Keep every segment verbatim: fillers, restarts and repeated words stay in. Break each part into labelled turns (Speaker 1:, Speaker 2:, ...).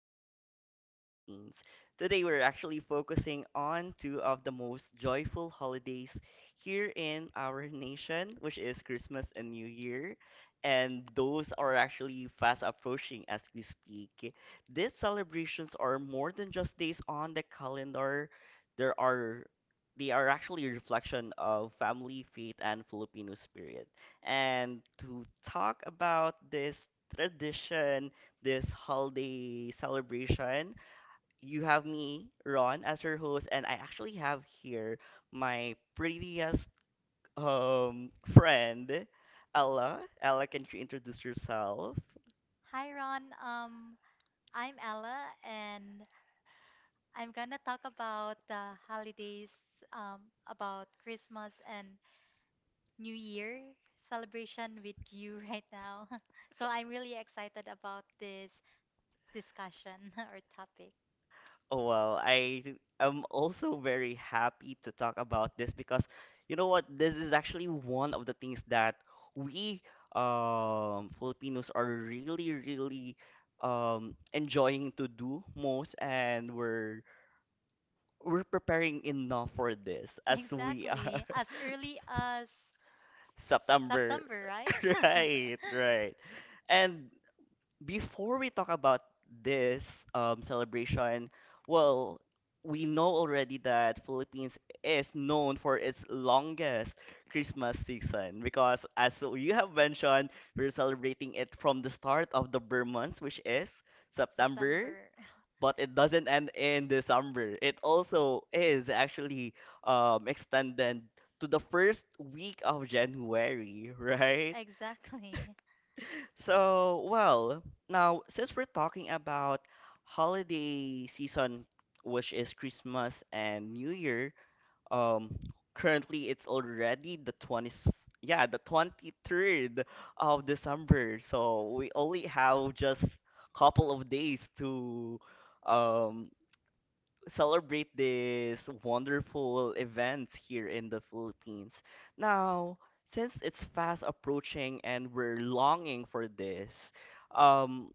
Speaker 1: culture of the Philippines. Today we're actually focusing on two of the most joyful holidays here in our nation, which is Christmas and New Year. And those are actually fast approaching as we speak. These celebrations are more than just days on the calendar. There are they are actually a reflection of family, faith, and Filipino spirit and to talk about this tradition, this holiday celebration. You have me, Ron, as your host, and I actually have here my prettiest um friend, Ella. Ella, can you introduce yourself?
Speaker 2: Hi Ron, um, I'm Ella and I'm gonna talk about the holidays, um, about Christmas and New Year celebration with you right now. So I'm really excited about this discussion or topic.
Speaker 1: Oh, well, I am also very happy to talk about this because you know what? This is actually one of the things that we um, Filipinos are really, really, um, enjoying to do most, and we're we're preparing enough for this as we uh,
Speaker 2: Exactly, as early as
Speaker 1: September,
Speaker 2: September, right?
Speaker 1: right, right, and before we talk about this, um, celebration, well, we know already that Philippines is known for its longest Christmas season because, as you have mentioned, we're celebrating it from the start of the Burr month, which is September,
Speaker 2: September.
Speaker 1: but it doesn't end in December. It also is actually, um, extended to the first week of January, right?
Speaker 2: Exactly,
Speaker 1: So, well, now since we're talking about holiday season, which is Christmas and New Year, um, currently it's already the twentieth, yeah, the twenty-third of December. So we only have just couple of days to um celebrate these wonderful events here in the Philippines. Now, since it's fast approaching and we're longing for this, um,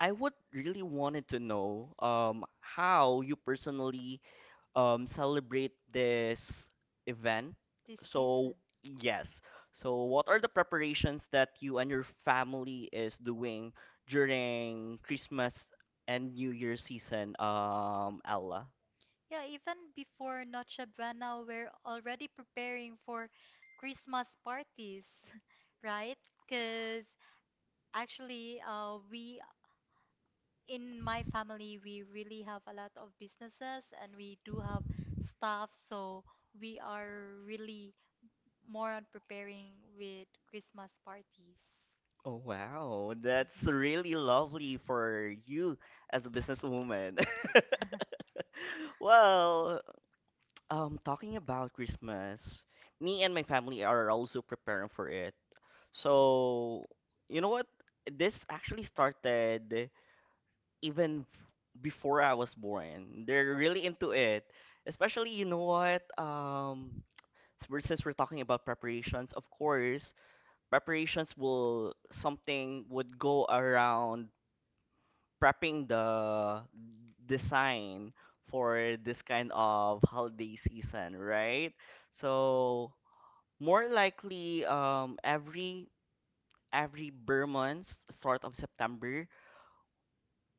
Speaker 1: I would really wanted to know um, how you personally um, celebrate this event.
Speaker 2: this season.
Speaker 1: So, yes. So, what are the preparations that you and your family is doing during Christmas and New Year season, um, Ella?
Speaker 2: Yeah, even before Noche Buena, we're already preparing for Christmas parties, right? Because actually, uh, we in my family, we really have a lot of businesses and we do have staff, so we are really more on preparing with Christmas parties.
Speaker 1: Oh, wow, that's really lovely for you as a businesswoman. Well, um, talking about Christmas, me and my family are also preparing for it. So, you know what? This actually started even before I was born. They're really into it. Especially, you know what? Um, s- we're- since we're talking about preparations, of course, preparations will something would go around prepping the design for this kind of holiday season, right? So more likely um every every Burman, start of September,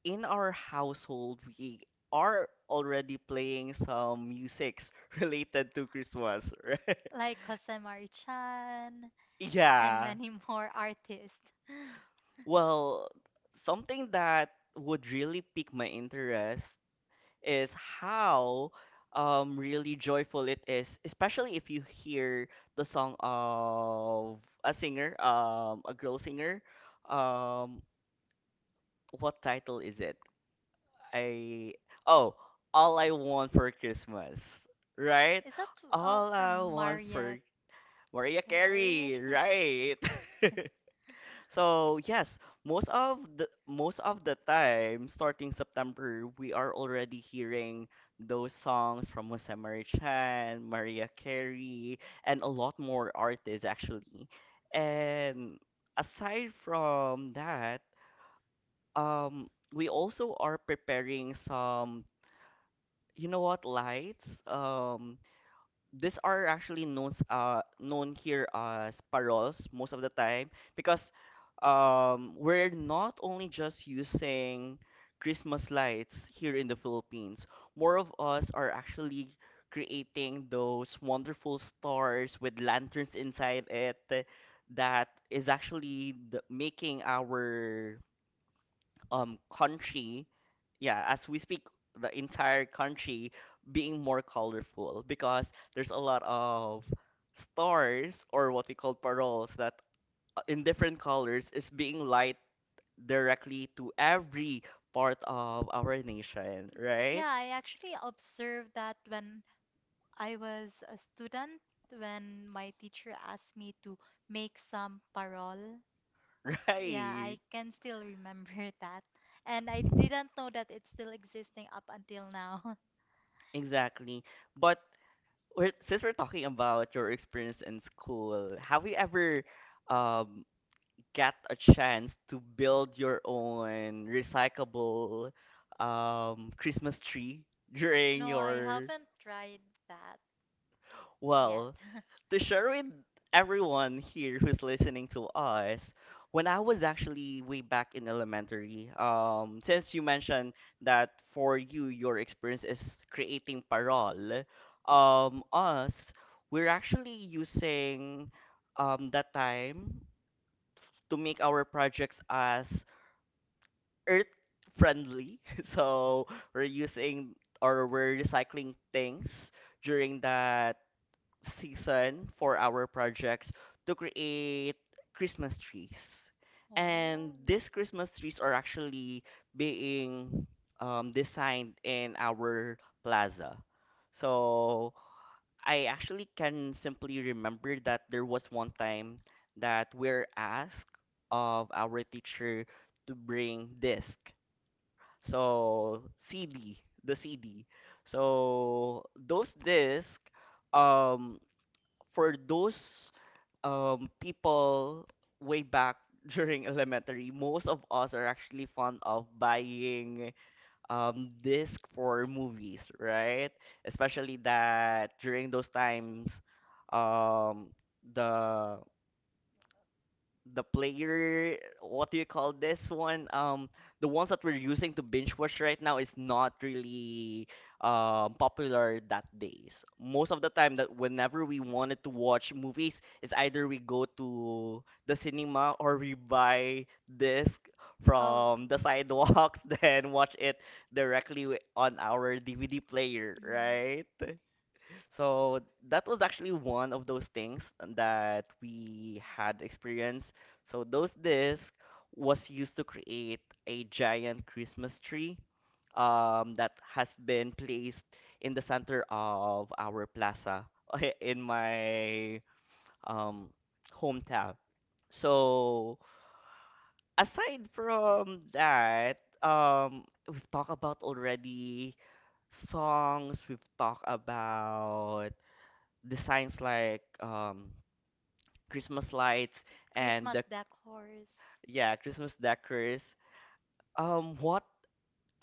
Speaker 1: in our household we are already playing some musics related to Christmas, right?
Speaker 2: Like Jose Marichan and
Speaker 1: Yeah.
Speaker 2: many more artists.
Speaker 1: Well, something that would really pique my interest is how um really joyful it is, especially if you hear the song of a singer, um a girl singer. Um what title is it? I oh, All I Want for Christmas, right?
Speaker 2: Is that uh,
Speaker 1: All I
Speaker 2: from
Speaker 1: want
Speaker 2: Maria
Speaker 1: for Mariah
Speaker 2: Carry.
Speaker 1: Carey, right? So yes, most of the most of the time, starting September, we are already hearing those songs from Jose Marichan, Mariah Carey, and a lot more artists actually. And aside from that, um, we also are preparing some, you know what, lights. Um, these are actually known uh known here as paroles most of the time because um we're not only just using Christmas lights here in the Philippines. More of us are actually creating those wonderful stars with lanterns inside it that is actually the, making our um country, yeah, as we speak, the entire country being more colorful because there's a lot of stars or what we call paroles that uh, in different colors is being light directly to every part of our nation, right?
Speaker 2: Yeah, I actually observed that when I was a student, when my teacher asked me to make some parol. Yeah,
Speaker 1: Right.
Speaker 2: I can still remember that. And I didn't know that it's still existing up until now.
Speaker 1: Exactly. But we're, since we're talking about your experience in school, have you ever um get a chance to build your own recyclable, um, Christmas tree during
Speaker 2: No, I
Speaker 1: your,
Speaker 2: haven't tried that yet.
Speaker 1: well, to share with everyone here who's listening to us, when I was actually way back in elementary, um, since you mentioned that for you your experience is creating parol, um, us we're actually using um that time to make our projects as earth friendly. So we're using or we're recycling things during that season for our projects to create Christmas trees. And
Speaker 2: Oh.
Speaker 1: these Christmas trees are actually being, um, designed in our plaza. So I actually can simply remember that there was one time that we're asked of our teacher to bring disc so C D, the C D. So those discs, um, for those, um, people way back during elementary, most of us are actually fond of buying, um, disc for movies, right? Especially that during those times, um, the the player, what do you call this one um the ones that we're using to binge watch right now is not really um popular that days most of the time that whenever we wanted to watch movies it's either we go to the cinema or we buy disc
Speaker 2: Oh.
Speaker 1: from the sidewalks then watch it directly wi- on our DVD player,
Speaker 2: Mm.
Speaker 1: right? So that was actually one of those things that we had experienced. So those discs was used to create a giant Christmas tree, um, that has been placed in the center of our plaza in my, um, hometown. So aside from that, um, we've talked about already songs, we've talked about designs like, um, Christmas lights and
Speaker 2: Christmas
Speaker 1: the
Speaker 2: decors.
Speaker 1: yeah Christmas decors. Um, what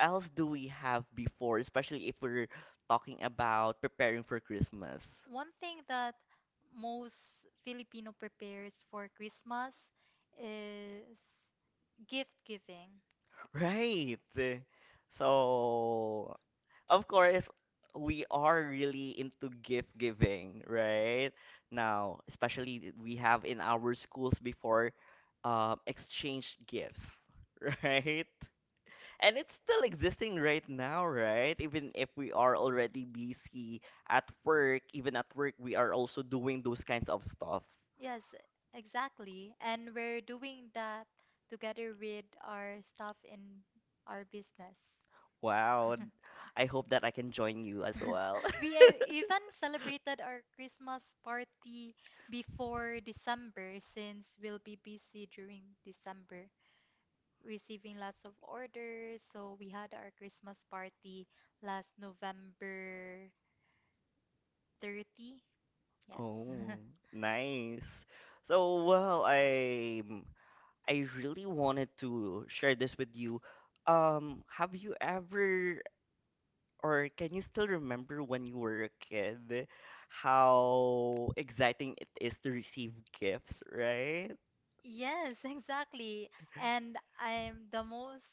Speaker 1: else do we have before, especially if we're talking about preparing for Christmas?
Speaker 2: One thing that most Filipino prepares for Christmas is gift giving.
Speaker 1: Right. So, of course, we are really into gift giving, right? Now, especially we have in our schools before, um, exchange gifts, right? And it's still existing right now, right? Even if we are already busy at work, even at work, we are also doing those kinds of stuff.
Speaker 2: Yes, exactly. And we're doing that together with our staff in our business.
Speaker 1: Wow. I hope that I can join you as well.
Speaker 2: We e- even celebrated our Christmas party before December since we'll be busy during December, receiving lots of orders. So we had our Christmas party last November thirtieth. Yes.
Speaker 1: Oh, nice. So, well, I I really wanted to share this with you. Um, have you ever or can you still remember when you were a kid how exciting it is to receive gifts, right?
Speaker 2: Yes, exactly. And I'm the most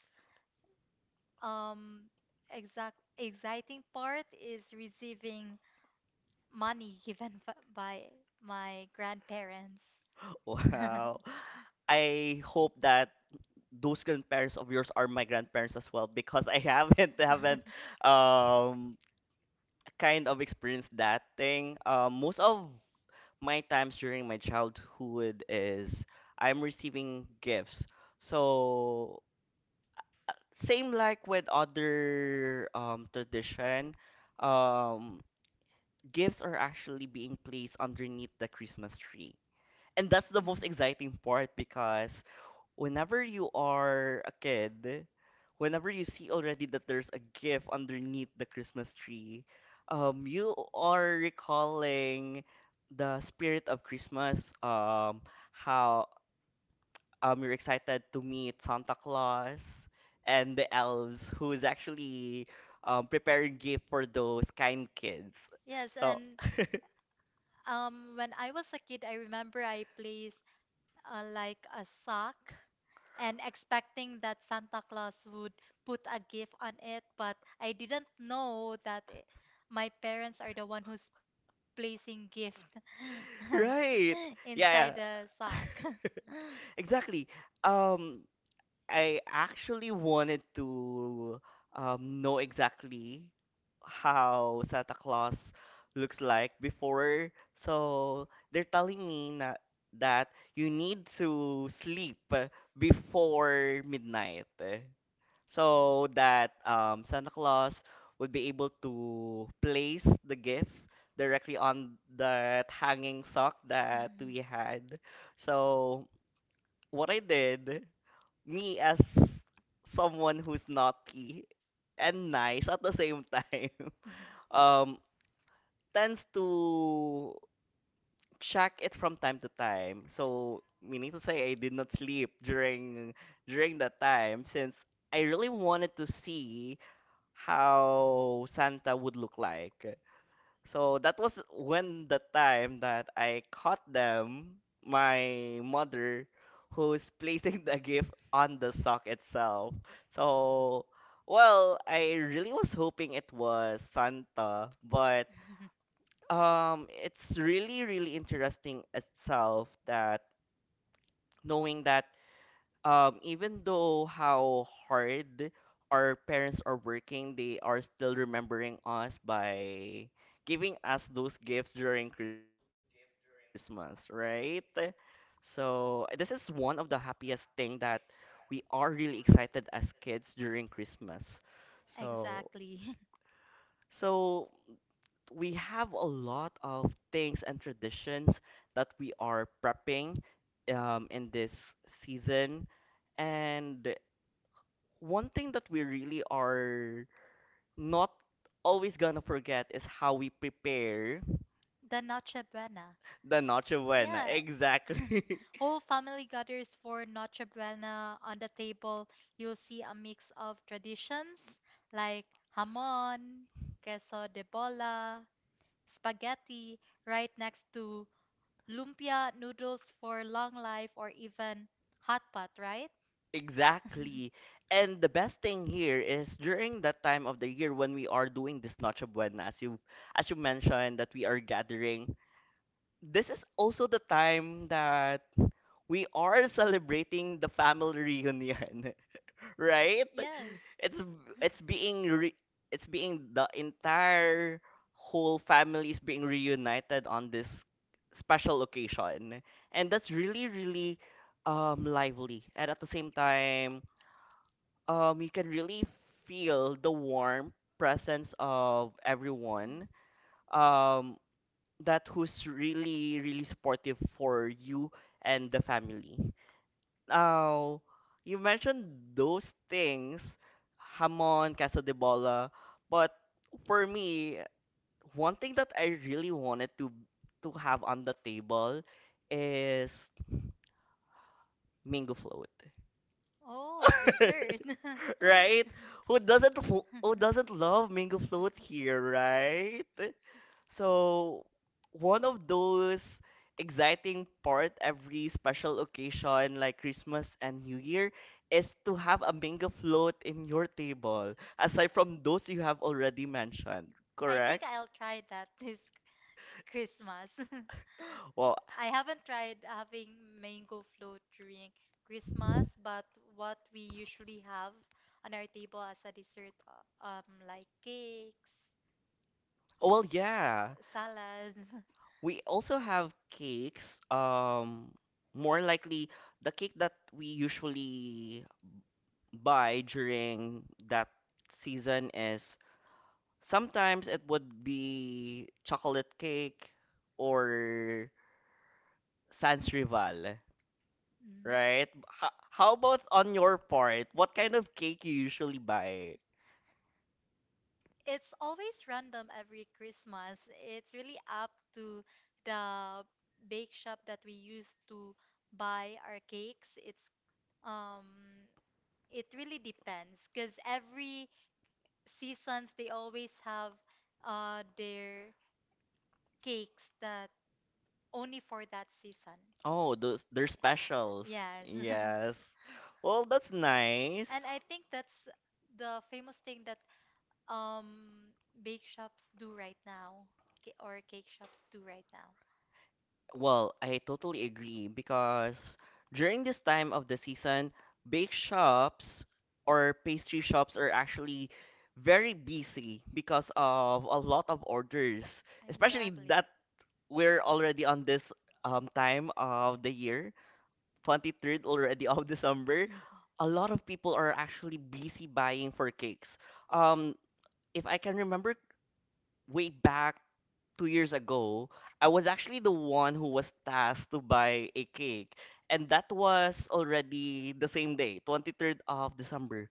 Speaker 2: um exact exciting part is receiving money given f- by my grandparents.
Speaker 1: Wow. I hope that those grandparents of yours are my grandparents as well because I haven't haven't, um kind of experienced that thing. Um, most of my times during my childhood is I'm receiving gifts. So same like with other um tradition, um gifts are actually being placed underneath the Christmas tree. And that's the most exciting part because whenever you are a kid, whenever you see already that there's a gift underneath the Christmas tree, um, you are recalling the spirit of Christmas, um, how um, you're excited to meet Santa Claus and the elves who is actually, um, preparing gift for those kind kids.
Speaker 2: Yes,
Speaker 1: So,
Speaker 2: and um, when I was a kid, I remember I placed uh, like a sock and expecting that Santa Claus would put a gift on it, but I didn't know that it, my parents are the one who's placing gift
Speaker 1: right.
Speaker 2: inside
Speaker 1: Yeah,
Speaker 2: the
Speaker 1: yeah.
Speaker 2: sock.
Speaker 1: Exactly. Um, I actually wanted to, um, know exactly how Santa Claus looks like before. So they're telling me na that you need to sleep uh, before midnight uh, so that, um, Santa Claus would be able to place the gift directly on that hanging sock that
Speaker 2: Mhm.
Speaker 1: we had. So what I did, me as someone who's naughty and nice at the same time,
Speaker 2: Mhm.
Speaker 1: um tends to check it from time to time, so meaning to say I did not sleep during during that time since I really wanted to see how Santa would look like. So that was when the time that I caught them, my mother, who is placing the gift on the sock itself. So, well, I really was hoping it was Santa, but, um, it's really, really interesting itself that knowing that, um, even though how hard our parents are working, they are still remembering us by giving us those gifts during Christmas, right? So this is one of the happiest thing that we are really excited as kids during Christmas. So
Speaker 2: Exactly.
Speaker 1: so we have a lot of things and traditions that we are prepping, um, in this season. And one thing that we really are not always gonna forget is how we prepare
Speaker 2: The Noche Buena.
Speaker 1: the Noche Buena.
Speaker 2: Yeah.
Speaker 1: Exactly.
Speaker 2: Whole family gathers for Noche Buena. On the table, you'll see a mix of traditions like hamon, queso de bola, spaghetti, right next to lumpia noodles for long life or even hot pot, right?
Speaker 1: Exactly. And the best thing here is during that time of the year when we are doing this Noche Buena, as you as you mentioned that we are gathering, this is also the time that we are celebrating the family reunion, right?
Speaker 2: Yes.
Speaker 1: It's it's being re it's being the entire whole family is being reunited on this special occasion. And that's really, really um lively. And at the same time, um you can really feel the warm presence of
Speaker 2: Mm.
Speaker 1: everyone. Um that who's really, really supportive for you and the family. Now, you mentioned those things, Hamon, Queso de Bola, but for me, one thing that I really wanted to to have on the table is mango float.
Speaker 2: Oh, dessert.
Speaker 1: Right? Who doesn't who who doesn't love mango float here, right? So, one of those exciting part every special occasion like Christmas and New Year is to have a mango float in your table, aside from those you have already mentioned,
Speaker 2: I think
Speaker 1: correct?
Speaker 2: I'll try that this Christmas.
Speaker 1: Well,
Speaker 2: I haven't tried having mango float during Christmas, but what we usually have on our table as a dessert, uh, um, like cakes.
Speaker 1: oh, well, yeah.
Speaker 2: Uh, Salad.
Speaker 1: We also have cakes. Um, more likely the cake that we usually buy during that season is sometimes it would be chocolate cake or sans rival,
Speaker 2: Mm.
Speaker 1: right? H- how about on your part? What kind of cake you usually buy?
Speaker 2: It's always random every Christmas. It's really up to the bake shop that we use to buy our cakes. It's um it really depends because every seasons they always have uh their cakes that only for that season.
Speaker 1: Oh, those they're specials.
Speaker 2: Yes.
Speaker 1: Yes. Well, that's nice.
Speaker 2: And I think that's the famous thing that um bake shops do right now ca- or cake shops do right now.
Speaker 1: Well, I totally agree because during this time of the season, bake shops or pastry shops are actually very busy because of a lot of orders especially
Speaker 2: Exactly.
Speaker 1: that we're already on this um, time of the year, twenty-third already of December.
Speaker 2: Mm-hmm.
Speaker 1: A lot of people are actually busy buying for cakes. Um, if I can remember way back two years ago, I was actually the one who was tasked to buy a cake, and that was already the same day, twenty-third of December.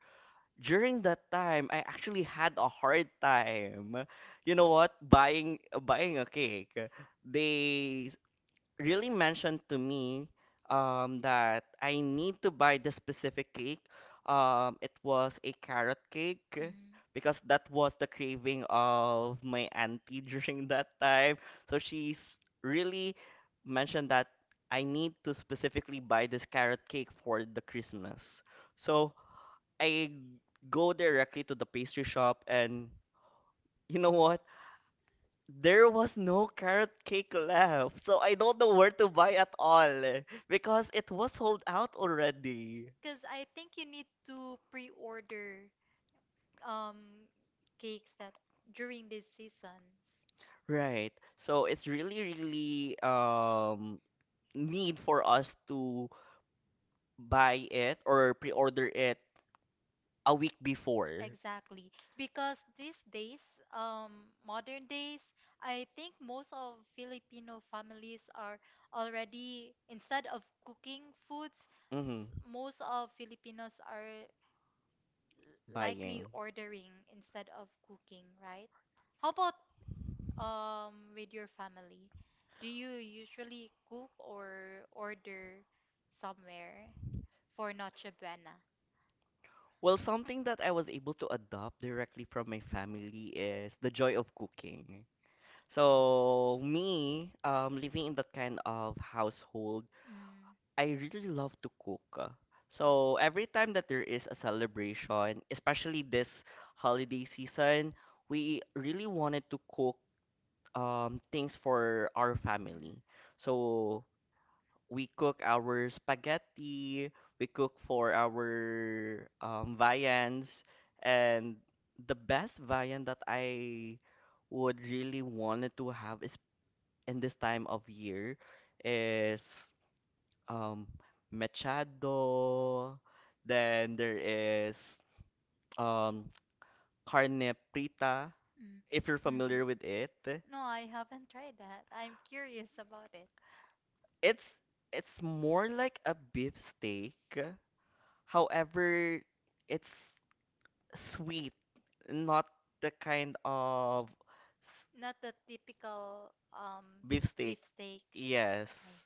Speaker 1: During that time, I actually had a hard time. You know what? Buying buying a cake, they really mentioned to me um, that I need to buy the specific cake. Um, it was a carrot cake because that was the craving of my auntie during that time. So she's really mentioned that I need to specifically buy this carrot cake for the Christmas. So I go directly to the pastry shop and you know what? There was no carrot cake left, so I don't know where to buy at all because it was sold out already.
Speaker 2: Because I think you need to pre-order um cakes that during this season.
Speaker 1: Right. So it's really, really um need for us to buy it or pre-order it a week before.
Speaker 2: Exactly. Because these days, um, modern days, I think most of Filipino families are already, instead of cooking foods,
Speaker 1: Hmm.
Speaker 2: s- most of Filipinos are likely
Speaker 1: Buying.
Speaker 2: ordering instead of cooking, right? How about um with your family? Do you usually cook or order somewhere for Noche Buena?
Speaker 1: Well, something that I was able to adopt directly from my family is the joy of cooking. So me, um, living in that kind of household.
Speaker 2: Mm,
Speaker 1: I really love to cook. uh, So every time that there is a celebration, especially this holiday season, we really wanted to cook um, things for our family. So we cook our spaghetti, we cook for our um, viands, and the best viand that I would really wanted to have is in this time of year is um machado. Then there is um carne prita.
Speaker 2: mm,
Speaker 1: If you're
Speaker 2: mm, mhm.
Speaker 1: familiar with it,
Speaker 2: No, I haven't tried that. I'm curious about it.
Speaker 1: it's it's more like a beef steak. However, it's sweet, not the kind of s-
Speaker 2: Not the typical um
Speaker 1: beef steak.
Speaker 2: beef steak.
Speaker 1: Yes.
Speaker 2: I,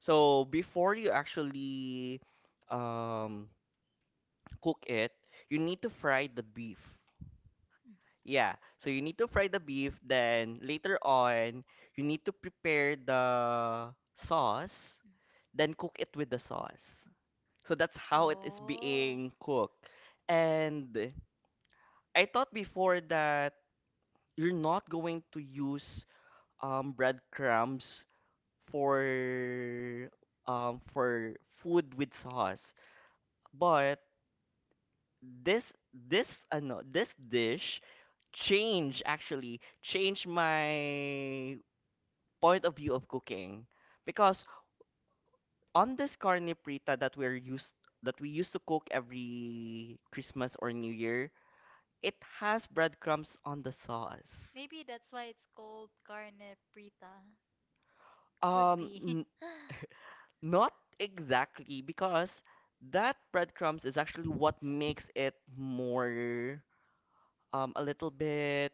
Speaker 1: So before you actually um cook it, you need to fry the beef.
Speaker 2: mm,
Speaker 1: Yeah, so you need to fry the beef, then later on, you need to prepare the sauce,
Speaker 2: mm.
Speaker 1: then cook it with the sauce. So that's how it is
Speaker 2: Oh.
Speaker 1: being cooked. And I thought before that you're not going to use um, breadcrumbs for um, for food with sauce, but this this ano, this dish change actually change my point of view of cooking because on this carne prita that we're used that we used to cook every Christmas or New Year, it has breadcrumbs on the sauce.
Speaker 2: Maybe that's why it's called carne prita. Could
Speaker 1: Um,
Speaker 2: be.
Speaker 1: n- Not exactly because that breadcrumbs is actually what makes it more um a little bit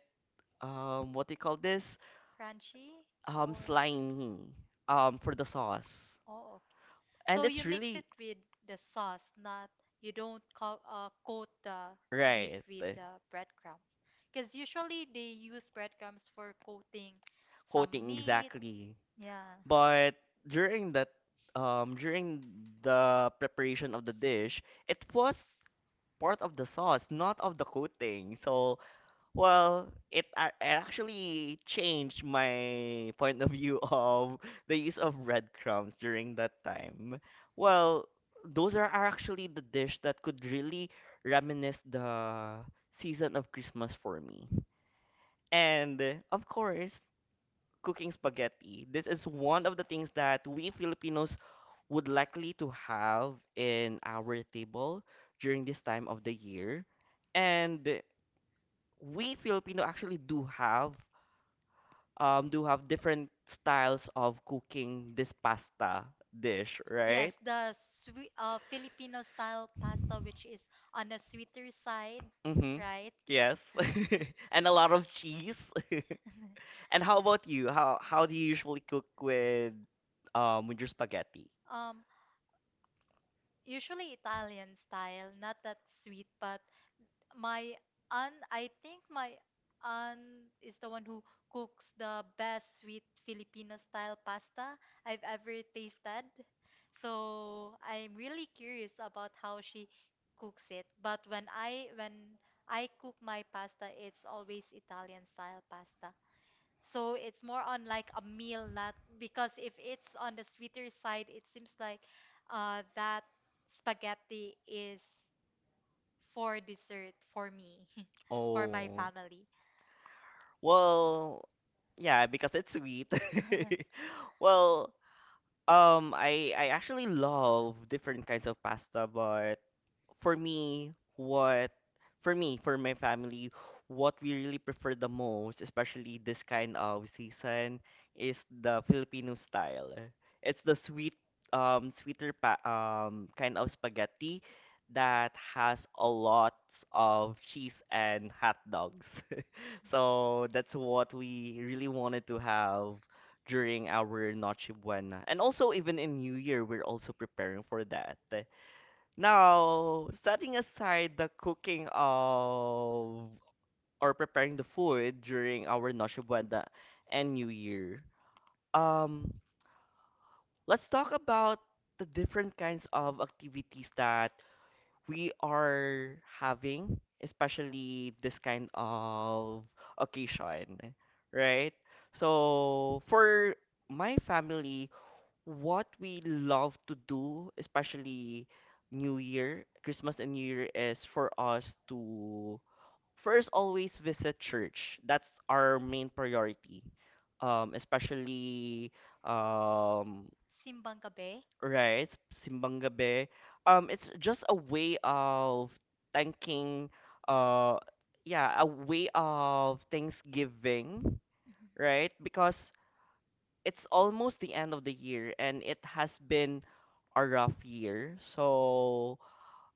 Speaker 1: um what do you call this
Speaker 2: Crunchy
Speaker 1: um
Speaker 2: or.
Speaker 1: slimy um for the sauce
Speaker 2: Oh, okay.
Speaker 1: and
Speaker 2: So you
Speaker 1: it's
Speaker 2: mix
Speaker 1: really
Speaker 2: it with the sauce, not you don't co uh, coat the beef
Speaker 1: right
Speaker 2: with the breadcrumbs. Because usually they use breadcrumbs for coating some
Speaker 1: coating
Speaker 2: meat.
Speaker 1: exactly.
Speaker 2: Yeah.
Speaker 1: But during that, um, during the preparation of the dish, it was part of the sauce, not of the coating. So, well, it, a- it actually changed my point of view of the use of breadcrumbs during that time. Well, those are, are actually the dish that could really reminisce the season of Christmas for me. And uh, of course, cooking spaghetti. This is one of the things that we Filipinos would likely to have in our table during this time of the year. And we Filipino actually do have um do have different styles of cooking this pasta dish,
Speaker 2: Yes,
Speaker 1: right?
Speaker 2: the sweet uh, Filipino style pasta, which is on a sweeter side,
Speaker 1: Mm-hmm.
Speaker 2: right?
Speaker 1: Yes. And a lot of cheese. And how about you? How how do you usually cook with um with your spaghetti?
Speaker 2: Um, usually Italian style, not that sweet, but my aunt, I think my aunt is the one who cooks the best sweet Filipino style pasta I've ever tasted. So I'm really curious about how she cooks it. But when I when I cook my pasta, it's always Italian style pasta. So it's more on like a meal, not because if it's on the sweeter side, it seems like uh, that spaghetti is for dessert for me, for my
Speaker 1: Oh.
Speaker 2: family.
Speaker 1: Well, yeah, because it's sweet. Well, Um, I I actually love different kinds of pasta, but for me, what for me, for my family, what we really prefer the most, especially this kind of season, is the Filipino style. It's the sweet, um, sweeter pa um kind of spaghetti that has a lot of cheese and hot dogs. So that's what we really wanted to have during our Noche Buena. And also, even in New Year, we're also preparing for that. Now, setting aside the cooking of or preparing the food during our Noche Buena and New Year, um, let's talk about the different kinds of activities that we are having, especially this kind of occasion, right? So for my family, what we love to do, especially New Year, Christmas and New Year, is for us to first always visit church. That's our main priority. Um, especially um,
Speaker 2: Simbang gabi.
Speaker 1: Right, simbang gabi. Um, it's just a way of thanking, uh, yeah, a way of Thanksgiving,
Speaker 2: Mm-hmm.
Speaker 1: right? Because it's almost the end of the year and it has been a rough year. So,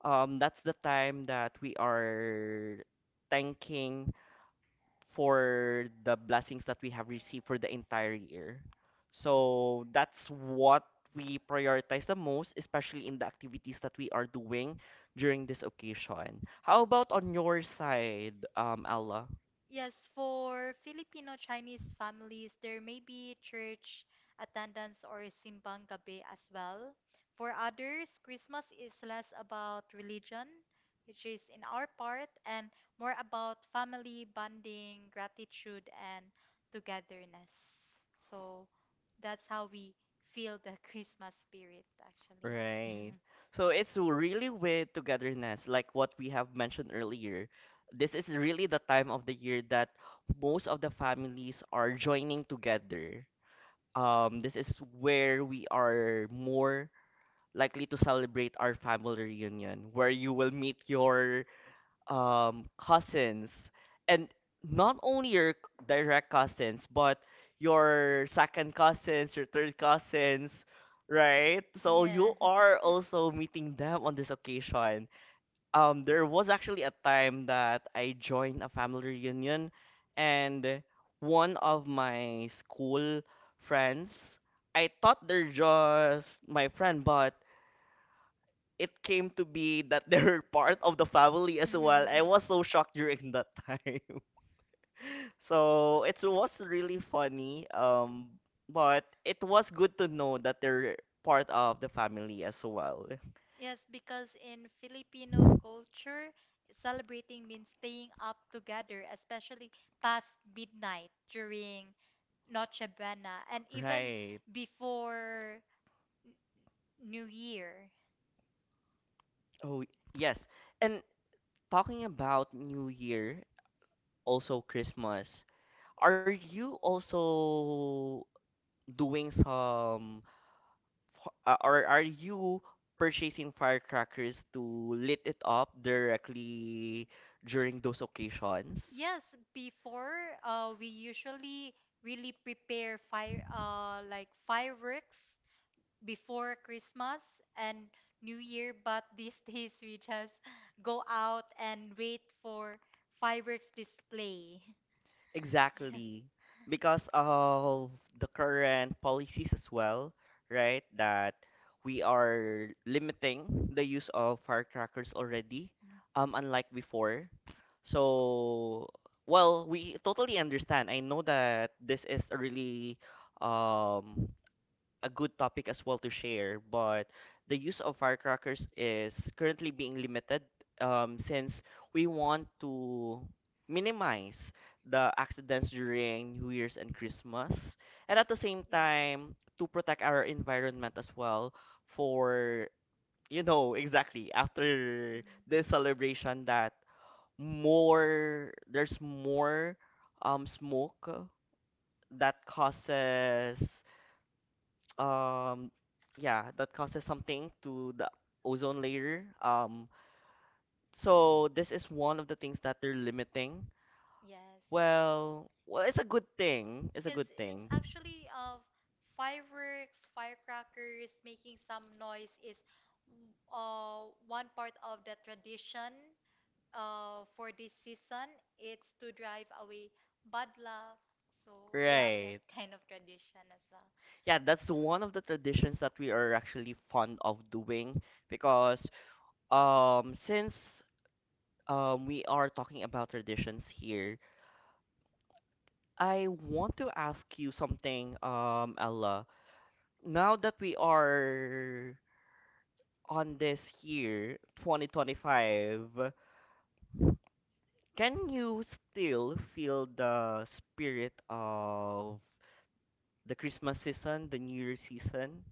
Speaker 1: um, that's the time that we are thanking for the blessings that we have received for the entire year. So that's what we prioritize the most, especially in the activities that we are doing during this occasion. How about on your side, um, Ella?
Speaker 2: Yes, for Filipino Chinese families, there may be church attendance or simbang gabi as well. For others, Christmas is less about religion, which is in our part, and more about family bonding, gratitude, and togetherness. So that's how we feel the Christmas spirit, actually.
Speaker 1: Right. So it's really with togetherness, like what we have mentioned earlier. This is really the time of the year that most of the families are joining together. Um, this is where we are more likely to celebrate our family reunion where you will meet your um, cousins and not only your c- direct cousins but your second cousins, your third cousins, right? So you
Speaker 2: Yeah.
Speaker 1: are also meeting them on this occasion. Um there was actually a time that I joined a family reunion and one of my school friends, I thought they're just my friend, but it came to be that they're part of the family as
Speaker 2: Mhm.
Speaker 1: well. I was so shocked during that time. So it was really funny, um, but it was good to know that they're part of the family as well.
Speaker 2: Yes, because in Filipino culture, celebrating means staying up together, especially past midnight during Noche Buena and even
Speaker 1: Right.
Speaker 2: before New Year.
Speaker 1: Oh, yes. And talking about New Year, also Christmas, are you also doing some f- uh, or are you purchasing firecrackers to lit it up directly during those occasions?
Speaker 2: Yes, before uh, we usually really prepare fire uh, like fireworks before Christmas and New Year, but these days we just go out and wait for fireworks display. Yeah.
Speaker 1: Exactly. Because of the current policies as well, right? That we are limiting the use of firecrackers already,
Speaker 2: Mm.
Speaker 1: um, unlike before. So, well, we totally understand. I know that this is a really um a good topic as well to share, but the use of firecrackers is currently being limited um, since we want to minimize the accidents during New Year's and Christmas, and at the same
Speaker 2: Yes.
Speaker 1: time to protect our environment as well for you know exactly after
Speaker 2: Mm.
Speaker 1: this celebration that more there's more um smoke that causes um yeah that causes something to the ozone layer. Um so this is one of the things that they're limiting.
Speaker 2: Yes.
Speaker 1: Well well, it's a good thing, it's a
Speaker 2: Because
Speaker 1: good
Speaker 2: it's
Speaker 1: thing,
Speaker 2: actually of fireworks, firecrackers, making some noise is uh, one part of the tradition uh, for this season. It's to drive away bad luck. So do you have. Right. That
Speaker 1: right?
Speaker 2: kind of tradition as well?
Speaker 1: Yeah, that's one of the traditions that we are actually fond of doing because um since um we are talking about traditions here, I want to ask you something, um Ella. Now that we are on this year, twenty twenty-five, can you still feel the spirit of the Christmas season, the New Year season?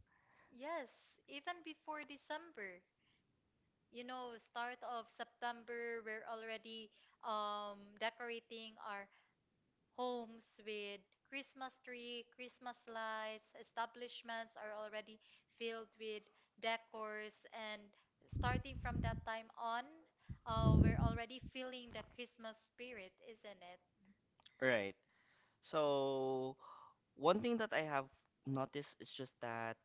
Speaker 2: Yes, even before December. You know, start of September, we're already um, decorating our homes with Christmas tree, Christmas lights. Establishments are already filled with decors, and starting from that time on, uh, we're already feeling the Christmas spirit, isn't it?
Speaker 1: Right. So, one thing that I have noticed is just that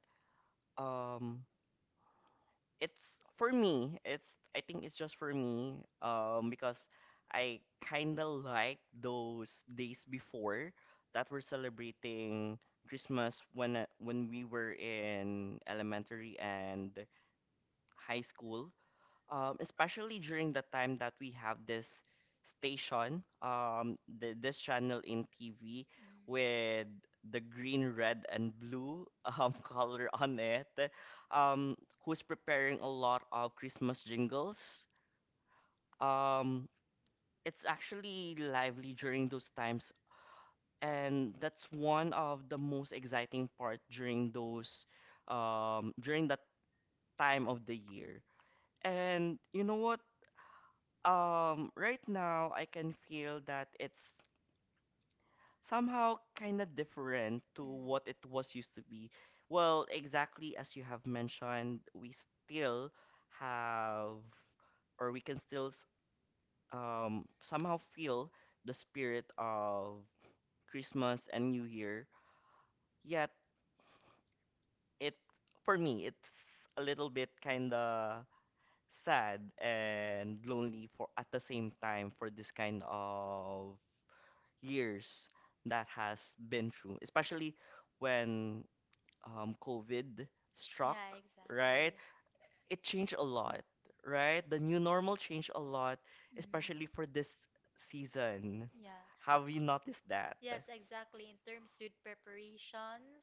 Speaker 1: um it's for me, it's I think it's just for me, um because I kind of like those days before that we're celebrating Christmas when uh, when we were in elementary and high school, um, especially during the time that we have this station, um, the, this channel in T V
Speaker 2: Mm.
Speaker 1: with the green, red, and blue um, color on it, um, who's preparing a lot of Christmas jingles. Um, it's actually lively during those times, and that's one of the most exciting part during those um, during that time of the year. And you know what? Um, right now, I can feel that it's somehow kind of different to
Speaker 2: Mm.
Speaker 1: what it was used to be. Well, exactly as you have mentioned, we still have, or we can still s- um, somehow feel the spirit of Christmas and New Year. Yet, it, for me, it's a little bit kind of sad and lonely for at the same time for this kind of years that has been through, especially when um, COVID struck,
Speaker 2: Yeah,
Speaker 1: right?
Speaker 2: exactly.
Speaker 1: It changed a lot, right? The new normal changed a lot,
Speaker 2: Mm.
Speaker 1: especially for this season.
Speaker 2: Yeah.
Speaker 1: Have you noticed that?
Speaker 2: Yes, exactly. In terms with preparations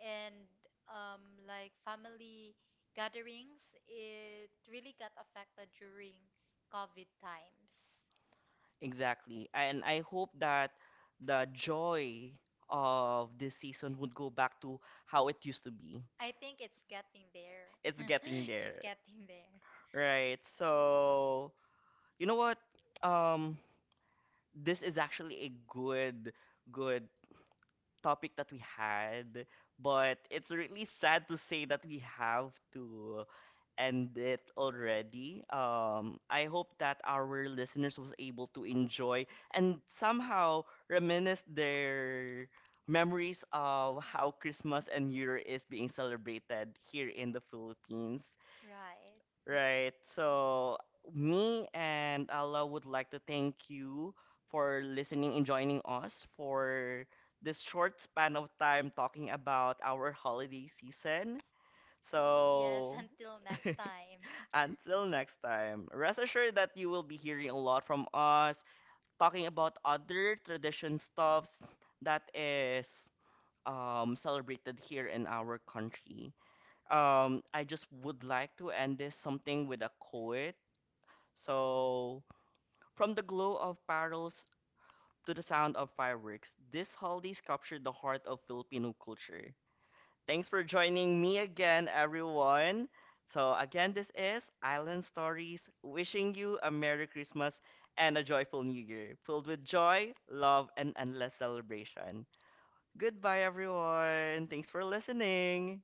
Speaker 2: and um, like family gatherings, it really got affected during COVID times.
Speaker 1: Exactly. And I hope that the joy of this season would go back to how it used to be.
Speaker 2: I think it's getting there.
Speaker 1: It's getting
Speaker 2: It's
Speaker 1: there,
Speaker 2: getting there.
Speaker 1: right? So, you know what? Um, this is actually a good good topic that we had, but it's really sad to say that we have to end it already. Um, I hope that our listeners was able to enjoy and somehow reminisce their memories of how Christmas and New Year is being celebrated here in the Philippines.
Speaker 2: Right.
Speaker 1: Right. So me and Allah would like to thank you for listening and joining us for this short span of time talking about our holiday season.
Speaker 2: Yes,
Speaker 1: So
Speaker 2: until next time.
Speaker 1: until next time, rest assured that you will be hearing a lot from us talking about other tradition stuffs that is um, celebrated here in our country. Um, I just would like to end this something with a quote so, from the glow of barrels to the sound of fireworks, this holidays captured the heart of Filipino culture. Thanks for joining me again, everyone. So, again, this is Island Stories, wishing you a Merry Christmas and a joyful New Year, filled with joy, love, and endless celebration. Goodbye, everyone. Thanks for listening.